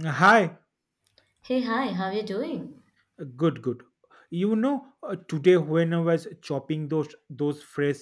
Hi, Hey, hi, how are you doing? good, good. You know, today when I was chopping those fresh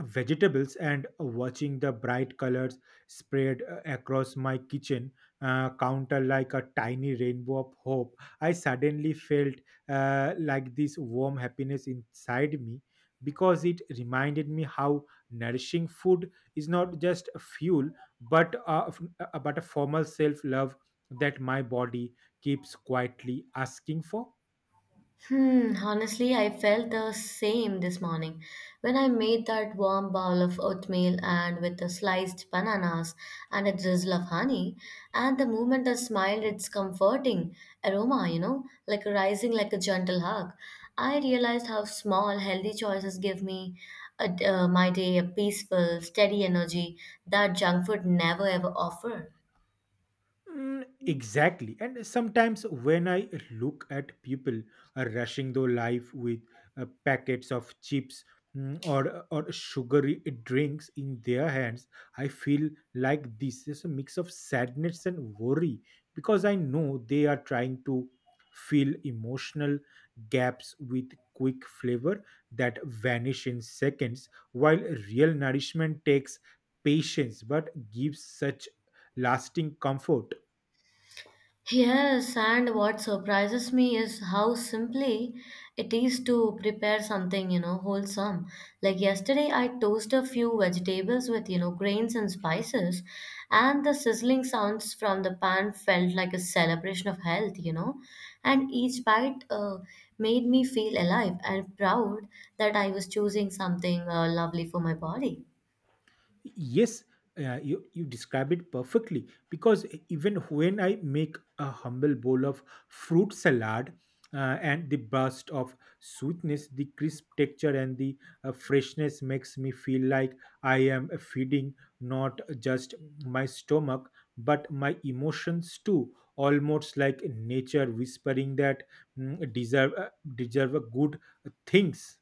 vegetables and watching the bright colors spread across my kitchen counter like a tiny rainbow of hope, I suddenly felt like this warm happiness inside me, because it reminded me how nourishing food is not just fuel but uh, but a formal self love that my body keeps quietly asking for. Hmm, honestly, I felt the same this morning. When I made that warm bowl of oatmeal and with the sliced bananas and a drizzle of honey, and the moment I smiled, its comforting aroma, like rising like a gentle hug. I realized how small, healthy choices give me a, my day a peaceful, steady energy that junk food never ever offer. Mm, exactly. And sometimes when I look at people rushing through life with packets of chips, or sugary drinks in their hands, I feel like this is a mix of sadness and worry, because I know they are trying to fill emotional gaps with quick flavor that vanish in seconds, while real nourishment takes patience but gives such lasting comfort. Yes, and what surprises me is how simply it is to prepare something wholesome. Like yesterday, I toasted a few vegetables with grains and spices, and the sizzling sounds from the pan felt like a celebration of health. And each bite made me feel alive and proud that I was choosing something lovely for my body. Yes, you describe it perfectly, because even when I make a humble bowl of fruit salad and the burst of sweetness, the crisp texture, and the freshness makes me feel like I am feeding not just my stomach, but my emotions too. Almost like nature whispering that mm, deserve uh, deserve good things.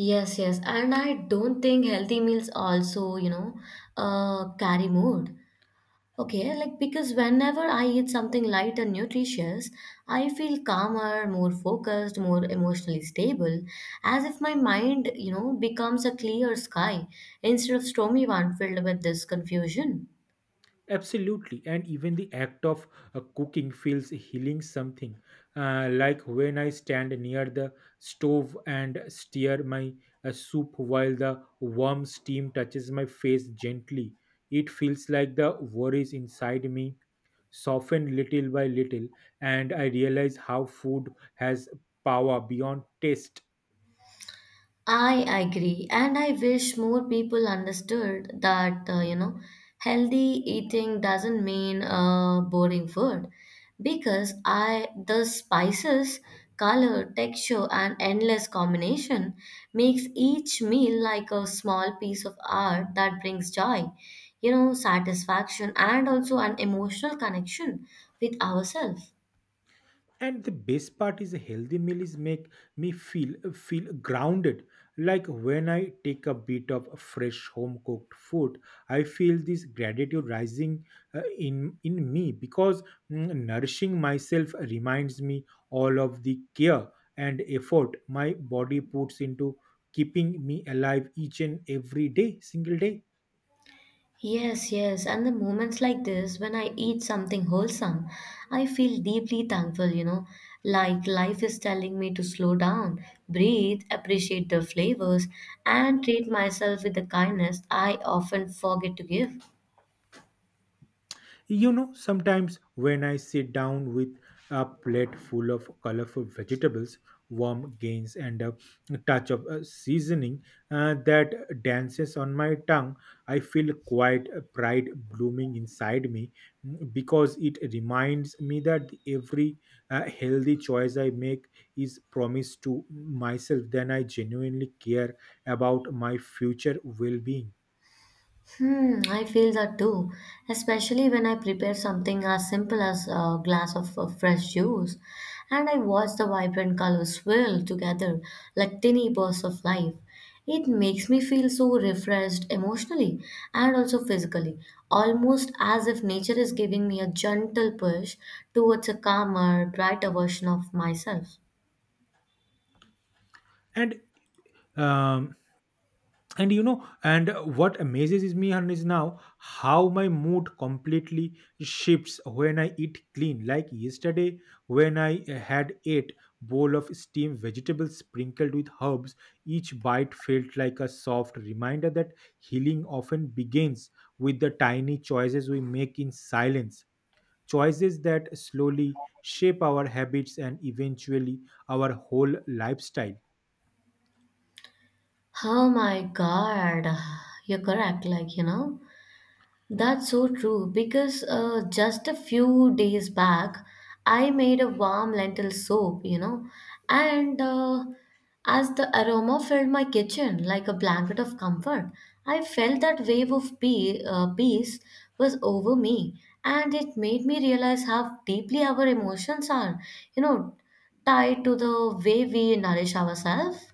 Yes, yes, and I don't think healthy meals also, carry mood. Okay, like because whenever I eat something light and nutritious, I feel calmer, more focused, more emotionally stable, as if my mind becomes a clear sky instead of stormy one filled with this confusion. Absolutely, and even the act of cooking feels healing something. Like when I stand near the stove and stir my soup while the warm steam touches my face gently, it feels like the worries inside me soften little by little, and I realize how food has power beyond taste. I agree, and I wish more people understood that healthy eating doesn't mean boring food, because I the spices, color, texture, and endless combination makes each meal like a small piece of art that brings joy, satisfaction, and also an emotional connection with ourselves. And the best part is a healthy meal is make me feel grounded, like when I take a bit of fresh home cooked food, I feel this gratitude rising, in me, because nourishing myself reminds me all of the care and effort my body puts into keeping me alive each and every day single day. Yes, yes, and the moments like this when I eat something wholesome, I feel deeply thankful, like life is telling me to slow down, breathe, appreciate the flavors, and treat myself with the kindness I often forget to give. You know, sometimes when I sit down with a plate full of colorful vegetables, warm grains, and a touch of seasoning that dances on my tongue, I feel quite a pride blooming inside me, because it reminds me that every healthy choice I make is promised to myself. Then I genuinely care about my future well-being. Hmm, I feel that too, especially when I prepare something as simple as a glass of fresh juice and I watch the vibrant colors swirl together like tiny bursts of life. It makes me feel so refreshed emotionally and also physically, almost as if nature is giving me a gentle push towards a calmer, brighter version of myself. And um, and you know and what amazes is me and is now how my mood completely shifts when I eat clean. Like yesterday, when I had eight bowl of steamed vegetables sprinkled with herbs, each bite felt like a soft reminder that healing often begins with the tiny choices we make in silence, choices that slowly shape our habits and eventually our whole lifestyle. Oh my God, you're correct. That's so true because just a few days back, I made a warm lentil soup, and as the aroma filled my kitchen like a blanket of comfort, I felt that wave of peace was over me, and it made me realize how deeply our emotions are, you know, tied to the way we nourish ourselves.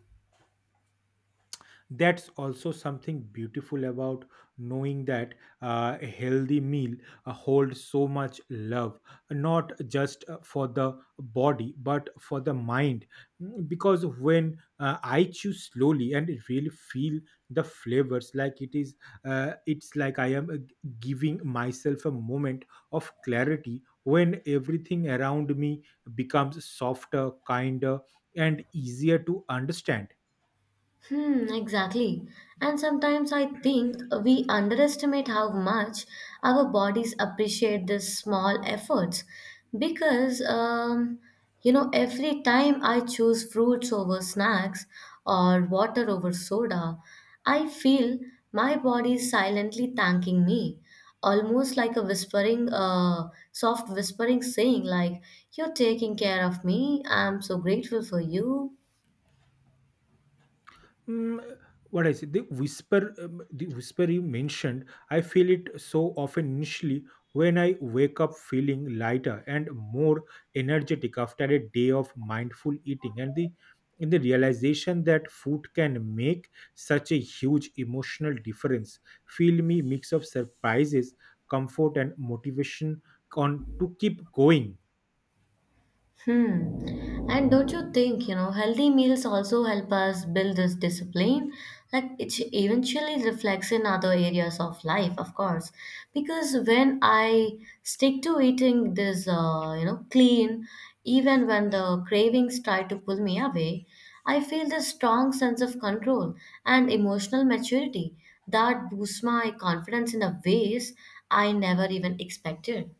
That's also something beautiful about knowing that a healthy meal holds so much love, not just for the body but for the mind. Mm, because when I chew slowly and really feel the flavors, like it's like I am giving myself a moment of clarity, when everything around me becomes softer, kinder, and easier to understand. Hmm, exactly. And sometimes I think we underestimate how much our bodies appreciate these small efforts. Because, every time I choose fruits over snacks or water over soda, I feel my body is silently thanking me, almost like a whispering, soft whispering saying, like, you're taking care of me, I'm so grateful for you. Mm, what I say, the whisper you mentioned, I feel it so often initially, when I wake up feeling lighter and more energetic after a day of mindful eating, and the in the realization that food can make such a huge emotional difference, feel me mix of surprises, comfort, and motivation on to keep going. Hmm. And don't you think, healthy meals also help us build this discipline? Like it eventually reflects in other areas of life, of course. Because when I stick to eating this, clean, even when the cravings try to pull me away, I feel this strong sense of control and emotional maturity that boosts my confidence in a ways I never even expected.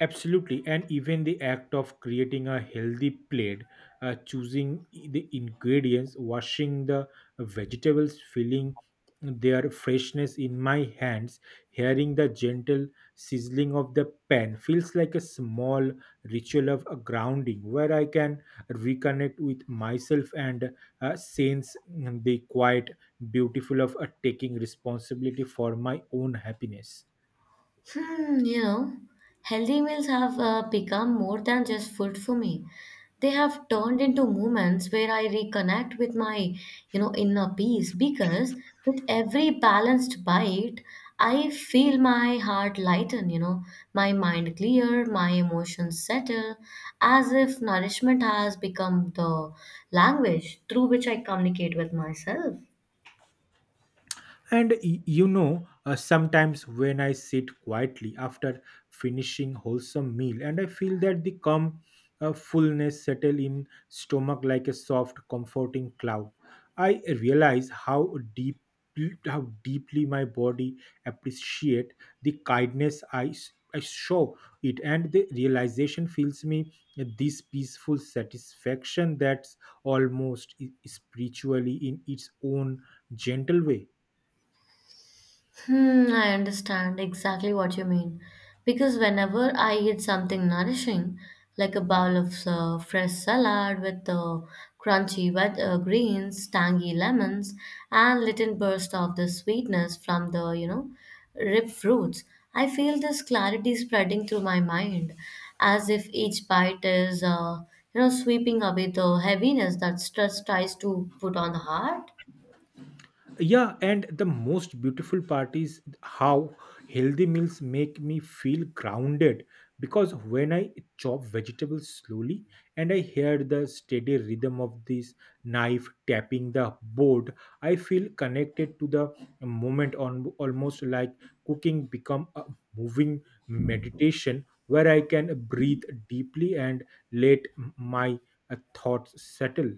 Absolutely, and even the act of creating a healthy plate, choosing the ingredients, washing the vegetables, feeling their freshness in my hands, hearing the gentle sizzling of the pan feels like a small ritual of a grounding, where I can reconnect with myself and sense the quiet beautiful of taking responsibility for my own happiness. Hmm, you know, healthy meals have become more than just food for me. They have turned into moments where I reconnect with my inner peace because with every balanced bite, I feel my heart lighten, my mind clear, my emotions settle, as if nourishment has become the language through which I communicate with myself. And you know, sometimes when I sit quietly after finishing wholesome meal, and I feel that the calm fullness settle in stomach like a soft, comforting cloud, I realize how deeply my body appreciate the kindness I show it, and the realization fills me this peaceful satisfaction that's almost spiritually in its own gentle way. Hmm, I understand exactly what you mean. Because whenever I eat something nourishing, like a bowl of fresh salad with crunchy wet greens, tangy lemons, and little burst of the sweetness from the ripe fruits, I feel this clarity spreading through my mind, as if each bite is sweeping away the heaviness that stress tries to put on the heart. Yeah, and the most beautiful part is how healthy meals make me feel grounded, because when I chop vegetables slowly and I hear the steady rhythm of this knife tapping the board, I feel connected to the moment on, almost like cooking become a moving meditation where I can breathe deeply and let my thoughts settle.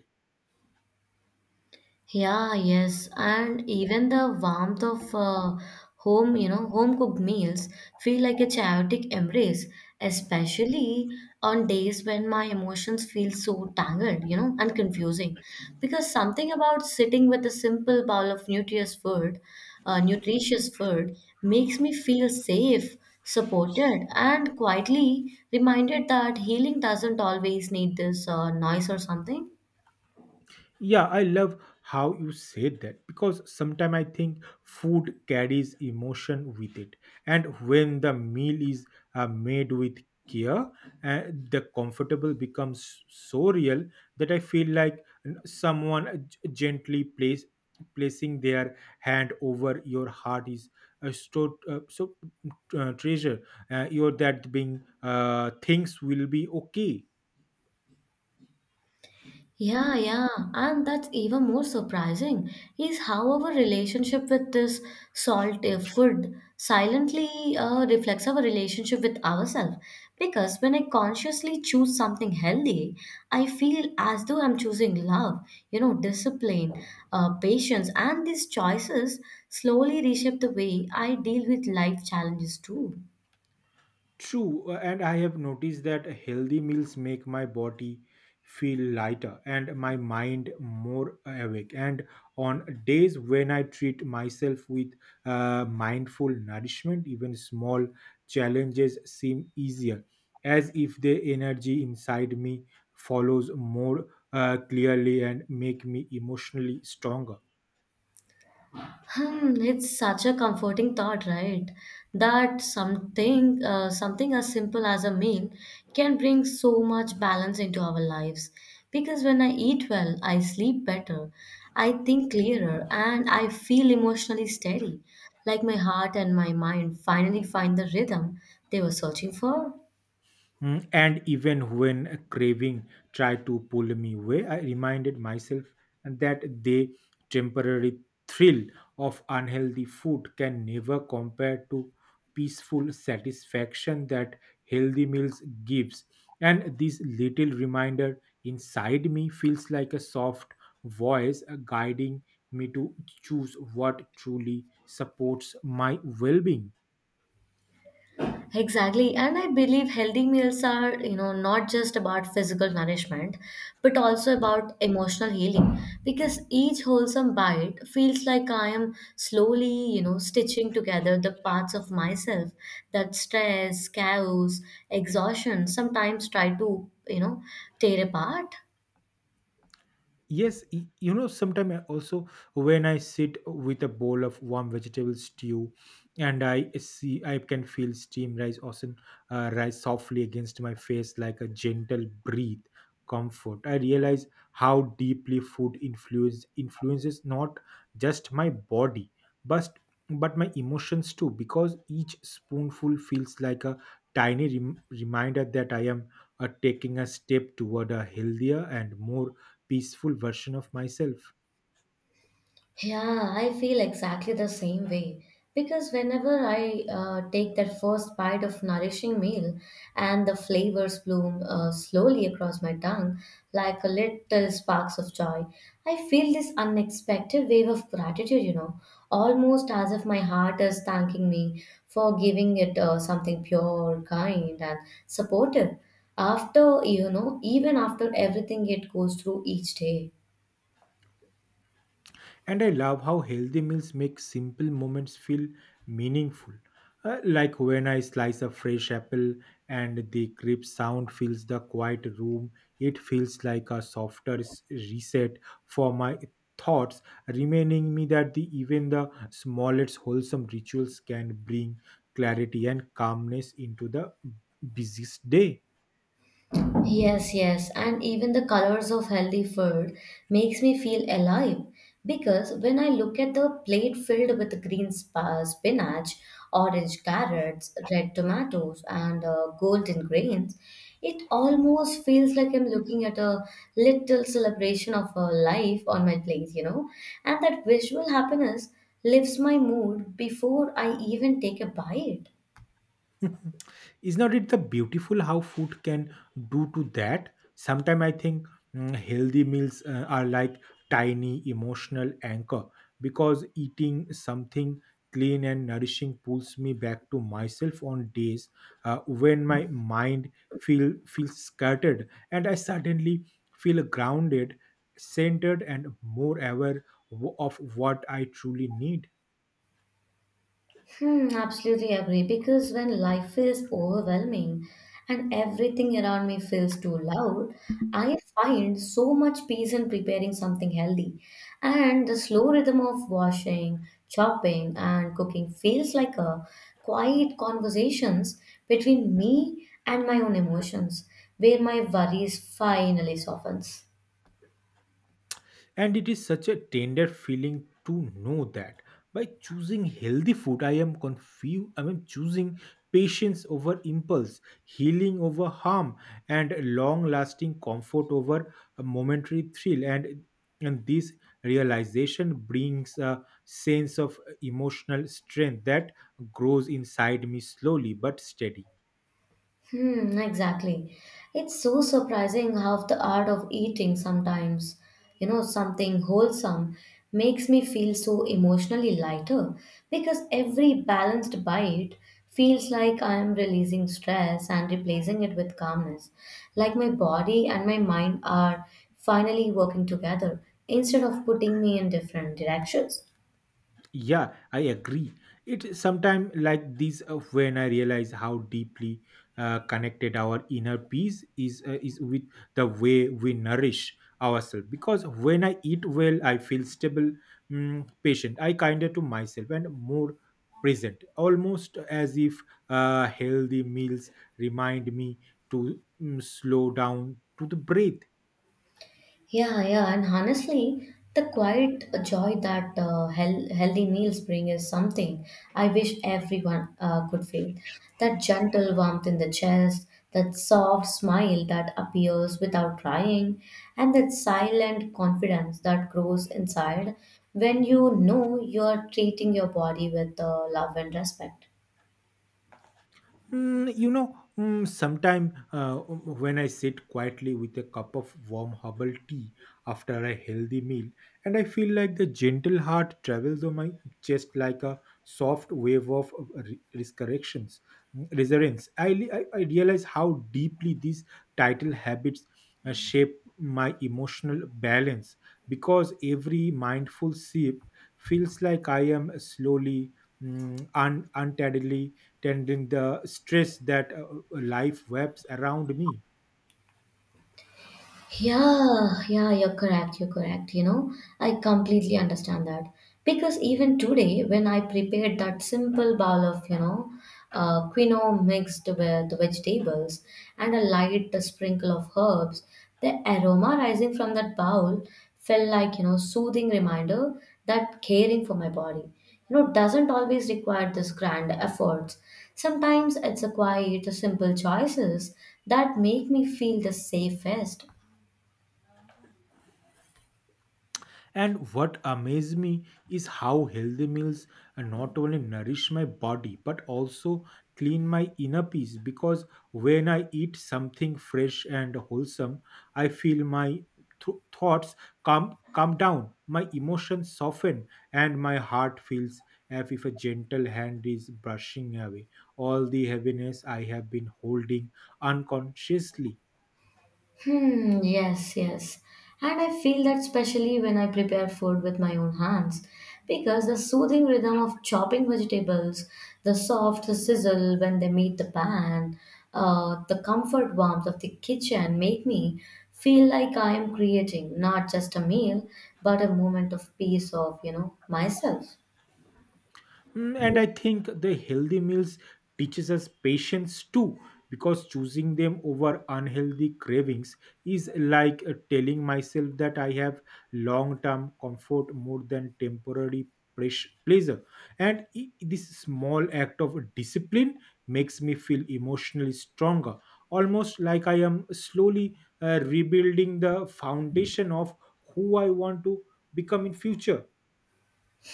Yeah, yes, and even the warmth of home cooked meals feel like a chaotic embrace, especially on days when my emotions feel so tangled and confusing. Because something about sitting with a simple bowl of nutritious food makes me feel safe, supported, and quietly reminded that healing doesn't always need this noise or something. Yeah, I love how you said that, because sometimes I think food carries emotion with it. And when the meal is made with care, uh, the comfortable becomes so real that I feel like someone gently placing their hand over your heart is a stored treasure. You're that being things will be okay. Yeah, yeah. And that's even more surprising is how our relationship with this salt food silently reflects our relationship with ourselves. Because when I consciously choose something healthy, I feel as though I'm choosing love, discipline, patience, and these choices slowly reshape the way I deal with life challenges too. True, and I have noticed that healthy meals make my body feel lighter and my mind more awake. And on days when I treat myself with mindful nourishment, even small challenges seem easier, as if the energy inside me follows more clearly and make me emotionally stronger. Hmm, it's such a comforting thought, right? That something as simple as a meal can bring so much balance into our lives. Because when I eat well, I sleep better, I think clearer, and I feel emotionally steady. Like my heart and my mind finally find the rhythm they were searching for. Mm, and even when a craving tried to pull me away, I reminded myself that the temporary thrill of unhealthy food can never compare to peaceful satisfaction that healthy meals gives. And this little reminder inside me feels like a soft voice guiding me to choose what truly supports my well-being. Exactly. And I believe healthy meals are, not just about physical nourishment, but also about emotional healing. Because each wholesome bite feels like I am slowly, stitching together the parts of myself that stress, chaos, exhaustion sometimes try to tear apart. Yes, you know, sometimes I also, when I sit with a bowl of warm vegetable stew and I see, I can feel steam rise, awesome, rise softly against my face like a gentle breath, comfort. I realize how deeply food influences not just my body, but but my emotions too, because each spoonful feels like a tiny reminder that I am taking a step toward a healthier and more peaceful version of myself. Yeah, I feel exactly the same way because whenever I take that first bite of nourishing meal and the flavors bloom slowly across my tongue like a little sparks of joy, I feel this unexpected wave of gratitude, almost as if my heart is thanking me for giving it something pure, kind, and supportive. Even after everything it goes through each day. And I love how healthy meals make simple moments feel meaningful. Like when I slice a fresh apple and the crisp sound fills the quiet room, it feels like a softer reset for my thoughts, reminding me that the, even the smallest wholesome rituals can bring clarity and calmness into the busiest day. Yes, yes, and even the colors of healthy food makes me feel alive because when I look at the plate filled with green spinach, orange carrots, red tomatoes, and golden grains, it almost feels like I'm looking at a little celebration of life on my plate, and that visual happiness lifts my mood before I even take a bite. Is not it the beautiful how food can do to that? Sometimes I think healthy meals are like tiny emotional anchor, because eating something clean and nourishing pulls me back to myself on days when my mind feels scattered, and I suddenly feel grounded, centered, and more aware of what I truly need. Hmm, absolutely agree. Because when life feels overwhelming and everything around me feels too loud, I find so much peace in preparing something healthy. And the slow rhythm of washing, chopping, and cooking feels like a quiet conversations between me and my own emotions, where my worries finally softens. And it is such a tender feeling to know that by choosing healthy food, I am confused. I am choosing patience over impulse, healing over harm, and long lasting comfort over a momentary thrill. And this realization brings a sense of emotional strength that grows inside me slowly but steady. Hmm, exactly. It's so surprising how the art of eating sometimes, something wholesome makes me feel so emotionally lighter because every balanced bite feels like I am releasing stress and replacing it with calmness. Like my body and my mind are finally working together instead of putting me in different directions. Yeah, I agree. It sometimes like this, when I realize how deeply connected our inner peace is with the way we nourish ourselves. Because when I eat well, I feel stable, patient. I kinder to myself and more present. Almost as if healthy meals remind me to slow down to the breath. Yeah, yeah, and honestly, the quiet joy that healthy meals bring is something I wish everyone could feel. That gentle warmth in the chest, that soft smile that appears without trying, and that silent confidence that grows inside when you know you are treating your body with love and respect. Mm, you know, sometime when I sit quietly with a cup of warm herbal tea after a healthy meal, and I feel like the gentle heart travels on my chest like a soft wave of resurrections, mm, resurgence. I, li- I realize how deeply these title habits shape my emotional balance, because every mindful sip feels like I am slowly, untidily tending the stress that life webs around me. Yeah, yeah, you're correct. You're correct. You know, I completely understand that. Because even today, when I prepared that simple bowl of quinoa mixed with vegetables and a light sprinkle of herbs, the aroma rising from that bowl felt like soothing reminder that caring for my body, doesn't always require this grand efforts. Sometimes it's a quiet, simple choices that make me feel the safest. And what amazed me is how healthy meals not only nourish my body but also clean my inner peace, because when I eat something fresh and wholesome, I feel my thoughts calm down, my emotions soften, and my heart feels as if a gentle hand is brushing away all the heaviness I have been holding unconsciously. Hmm, yes, yes. And I feel that especially when I prepare food with my own hands, because the soothing rhythm of chopping vegetables, the soft sizzle when they meet the pan, the comfort warmth of the kitchen make me feel like I am creating not just a meal, but a moment of peace of myself. Mm, and I think the healthy meals teaches us patience too, because choosing them over unhealthy cravings is like telling myself that I have long term comfort more than temporary pleasure, and this small act of discipline makes me feel emotionally stronger, almost like I am slowly rebuilding the foundation of who I want to become in future.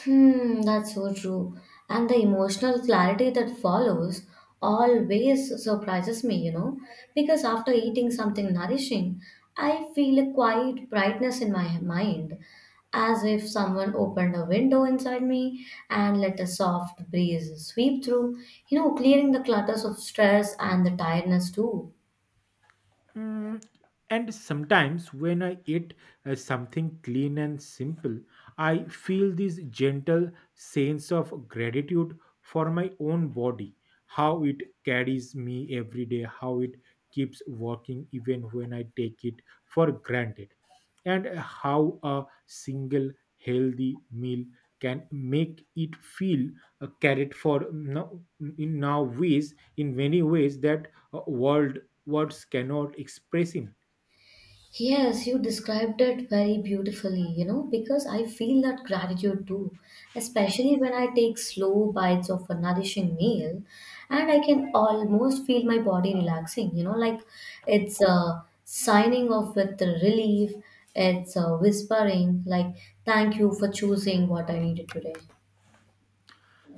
Hmm, that's so true. And the emotional clarity that follows always surprises me, because after eating something nourishing, I feel a quiet brightness in my mind, as if someone opened a window inside me and let a soft breeze sweep through, clearing the clutters of stress and the tiredness too. Mm, and sometimes when I eat something clean and simple, I feel this gentle sense of gratitude for my own body, how it carries me every day, how it keeps working even when I take it for granted, and how a single healthy meal can make it feel carried for now, in now ways in many ways that world words cannot express in. Yes, you described it very beautifully, because I feel that gratitude too, especially when I take slow bites of a nourishing meal and I can almost feel my body relaxing, like it's a signing off with the relief, it's a whispering, like, thank you for choosing what I needed today.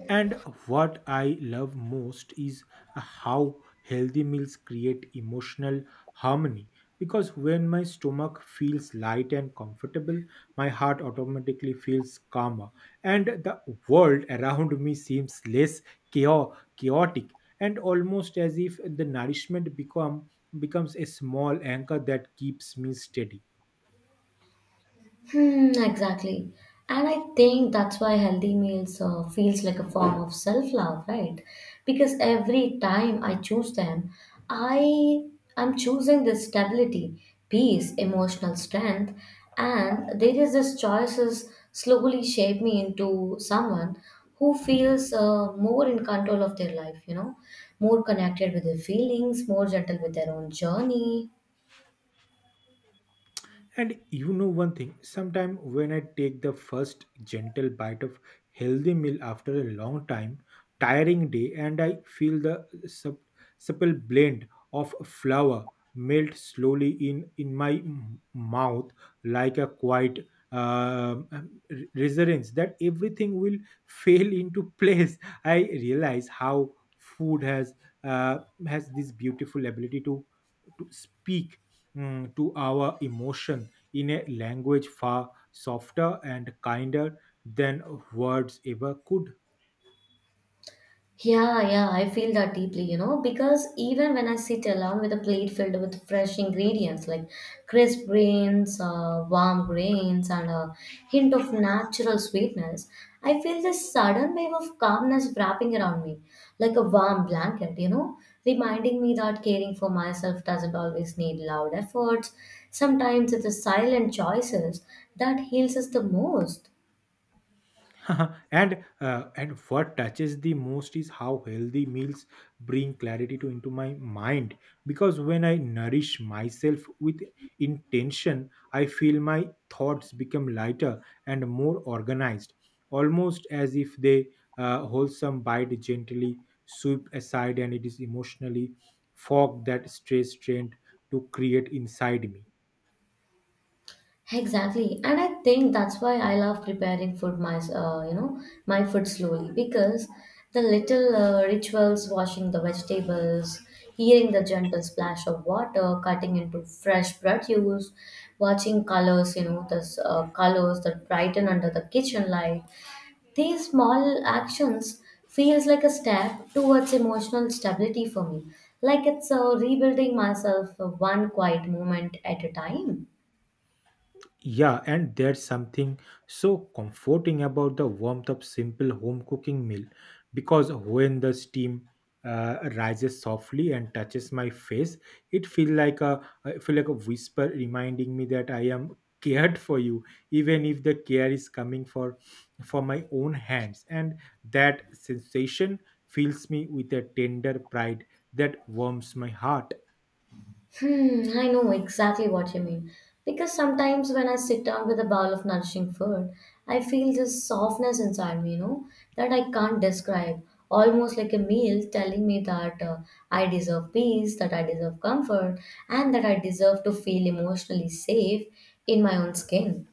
And what I love most is how healthy meals create emotional harmony. Because when my stomach feels light and comfortable, my heart automatically feels calmer, and the world around me seems less chaotic, and almost as if the nourishment becomes a small anchor that keeps me steady. Hmm, exactly. And I think that's why healthy meals feels like a form of self-love, right? Because every time I choose them, I am choosing this stability, peace, emotional strength, and there is this choices slowly shape me into someone who feels more in control of their life, you know, more connected with their feelings, more gentle with their own journey. And you know one thing, sometime when I take the first gentle bite of healthy meal after a long time, tiring day, and I feel the supple blend of flour melt slowly in my mouth like a quiet um, um, reassurance that everything will fail into place. I realize how food has uh, has this beautiful ability to speak, to our emotion in a language far softer and kinder than words ever could. Yeah, yeah, I feel that deeply, you know, because even when I sit alone with a plate filled with fresh ingredients like crisp grains, warm grains, and a hint of natural sweetness, I feel this sudden wave of calmness wrapping around me, like a warm blanket, you know, reminding me that caring for myself doesn't always need loud efforts. Sometimes it's the silent choices that heals us the most. And what touches the most is how healthy meals bring clarity to into my mind, because when I nourish myself with intention, I feel my thoughts become lighter and more organized, almost as if they, wholesome bite gently sweep aside and it is emotionally fog that stays strained to create inside me. Exactly, and I think that's why I love preparing food my you know my food slowly because the little rituals, washing the vegetables, hearing the gentle splash of water, cutting into fresh produce, watching colors, you know the colors that brighten under the kitchen light. These small actions feels like a step towards emotional stability for me, like it's rebuilding myself one quiet moment at a time. Yeah, and there's something so comforting about the warmth of simple home cooking meal, because when the steam rises softly and touches my face, it feels like a I feel like a whisper reminding me that I am cared for you, even if the care is coming for my own hands. And that sensation fills me with a tender pride that warms my heart. Hmm, I know exactly what you mean. Because sometimes when I sit down with a bowl of nourishing food, I feel this softness inside me, you know, that I can't describe. Almost like a meal telling me that I deserve peace, that I deserve comfort, and that I deserve to feel emotionally safe in my own skin.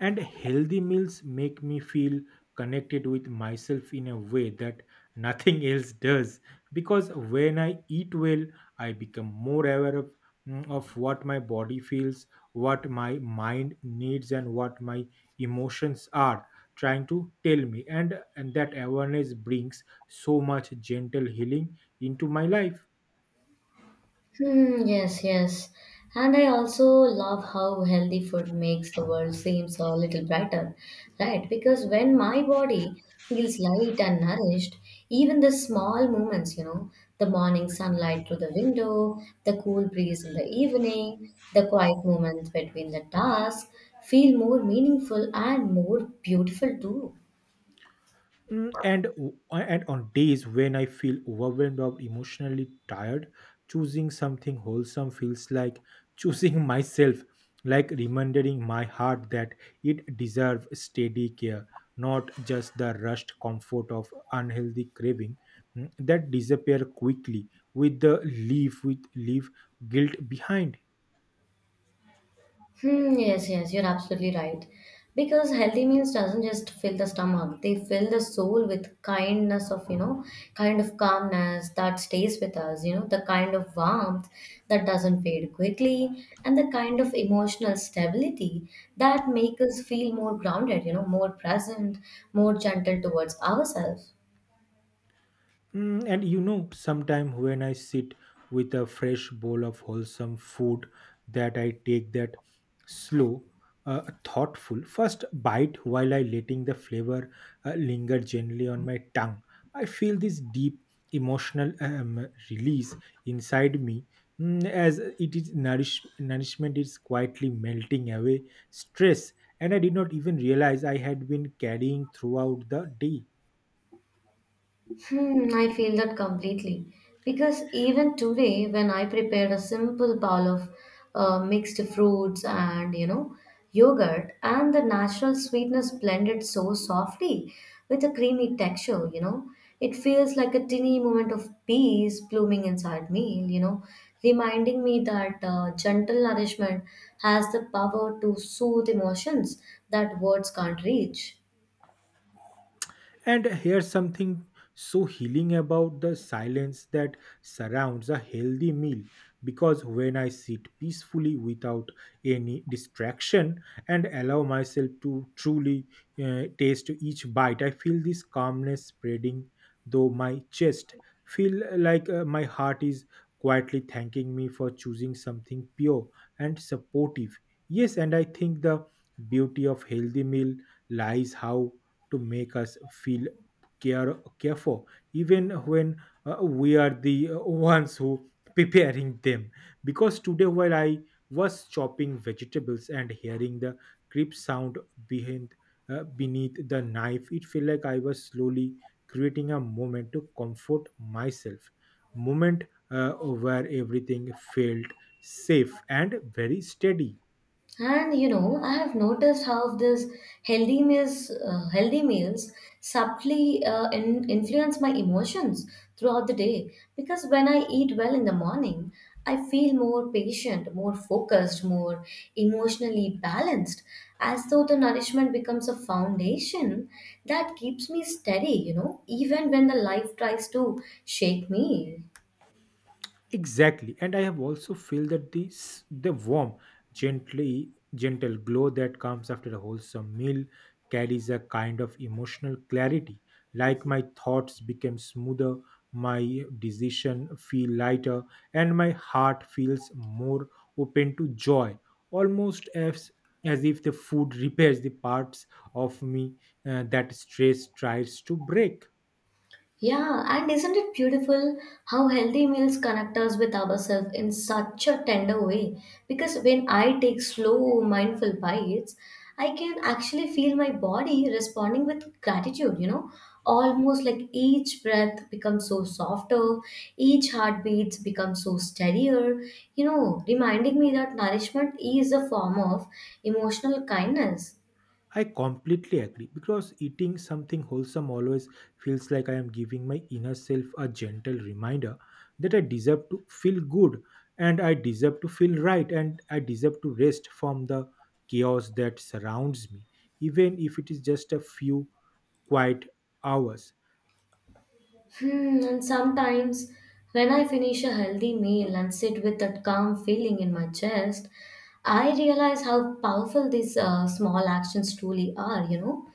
And healthy meals make me feel connected with myself in a way that nothing else does, because when I eat well I become more aware of, of what my body feels, what my mind needs, and what my emotions are trying to tell me. And that awareness brings so much gentle healing into my life. Hmm, yes, yes. And I also love how healthy food makes the world seems a little brighter, right? Because when my body feels light and nourished, even the small moments, you know, the morning sunlight through the window, the cool breeze in the evening, the quiet moments between the tasks, feel more meaningful and more beautiful too. And on days when I feel overwhelmed or emotionally tired, choosing something wholesome feels like choosing myself, like reminding my heart that it deserves steady care, not just the rushed comfort of unhealthy craving, that disappear quickly with the leave with leave guilt behind. Hmm, yes, yes, you're absolutely right. Because healthy meals doesn't just fill the stomach, they fill the soul with kindness of, you know, kind of calmness that stays with us, you know, the kind of warmth that doesn't fade quickly, and the kind of emotional stability that make us feel more grounded, you know, more present, more gentle towards ourselves. And you know, sometime when I sit with a fresh bowl of wholesome food, that I take that slow, thoughtful first bite while I letting the flavor linger gently on my tongue. I feel this deep emotional release inside me, as it is nourishment is quietly melting away stress, and I did not even realize I had been carrying throughout the day. Hmm, I feel that completely. Because even today, when I prepared a simple bowl of mixed fruits and you know yogurt, and the natural sweetness blended so softly with a creamy texture, you know, it feels like a tiny moment of peace blooming inside me, you know, reminding me that gentle nourishment has the power to soothe emotions that words can't reach. And here's something so healing about the silence that surrounds a healthy meal, because when I sit peacefully without any distraction and allow myself to truly, taste each bite, I feel this calmness spreading though my chest. Feel like, my heart is quietly thanking me for choosing something pure and supportive. Yes, and I think the beauty of healthy meal lies how to make us feel careful even when, we are the, ones who preparing them, because today while I was chopping vegetables and hearing the crisp sound behind, beneath the knife, it felt like I was slowly creating a moment to comfort myself, moment, uh, where everything felt safe and very steady. And you know, I have noticed how healthy meals subtly influence my emotions throughout the day. Because when I eat well in the morning, I feel more patient, more focused, more emotionally balanced, as though the nourishment becomes a foundation that keeps me steady. You know, even when the life tries to shake me. Exactly, and I have also feel that this the warm, gently gentle glow that comes after a wholesome meal carries a kind of emotional clarity. Like my thoughts became smoother, my decision feel lighter, and my heart feels more open to joy. Almost as if the food repairs the parts of me, that stress tries to break. Yeah, and isn't it beautiful how healthy meals connect us with ourselves in such a tender way? Because when I take slow, mindful bites, I can actually feel my body responding with gratitude, you know? Almost like each breath becomes so softer, each heartbeat becomes so steadier, you know, reminding me that nourishment is a form of emotional kindness. I completely agree because eating something wholesome always feels like I am giving my inner self a gentle reminder that I deserve to feel good, and I deserve to feel right, and I deserve to rest from the chaos that surrounds me, even if it is just a few quiet hours. Hmm, and sometimes when I finish a healthy meal and sit with that calm feeling in my chest, I realize how powerful these small actions truly are, you know,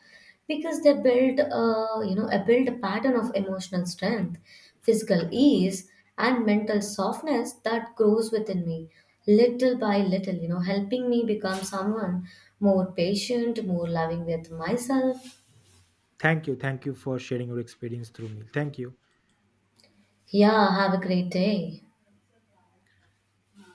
because they build a pattern of emotional strength, physical ease, and mental softness that grows within me little by little, you know, helping me become someone more patient, more loving with myself. Thank you. Thank you for sharing your experience through me. Thank you. Yeah, have a great day.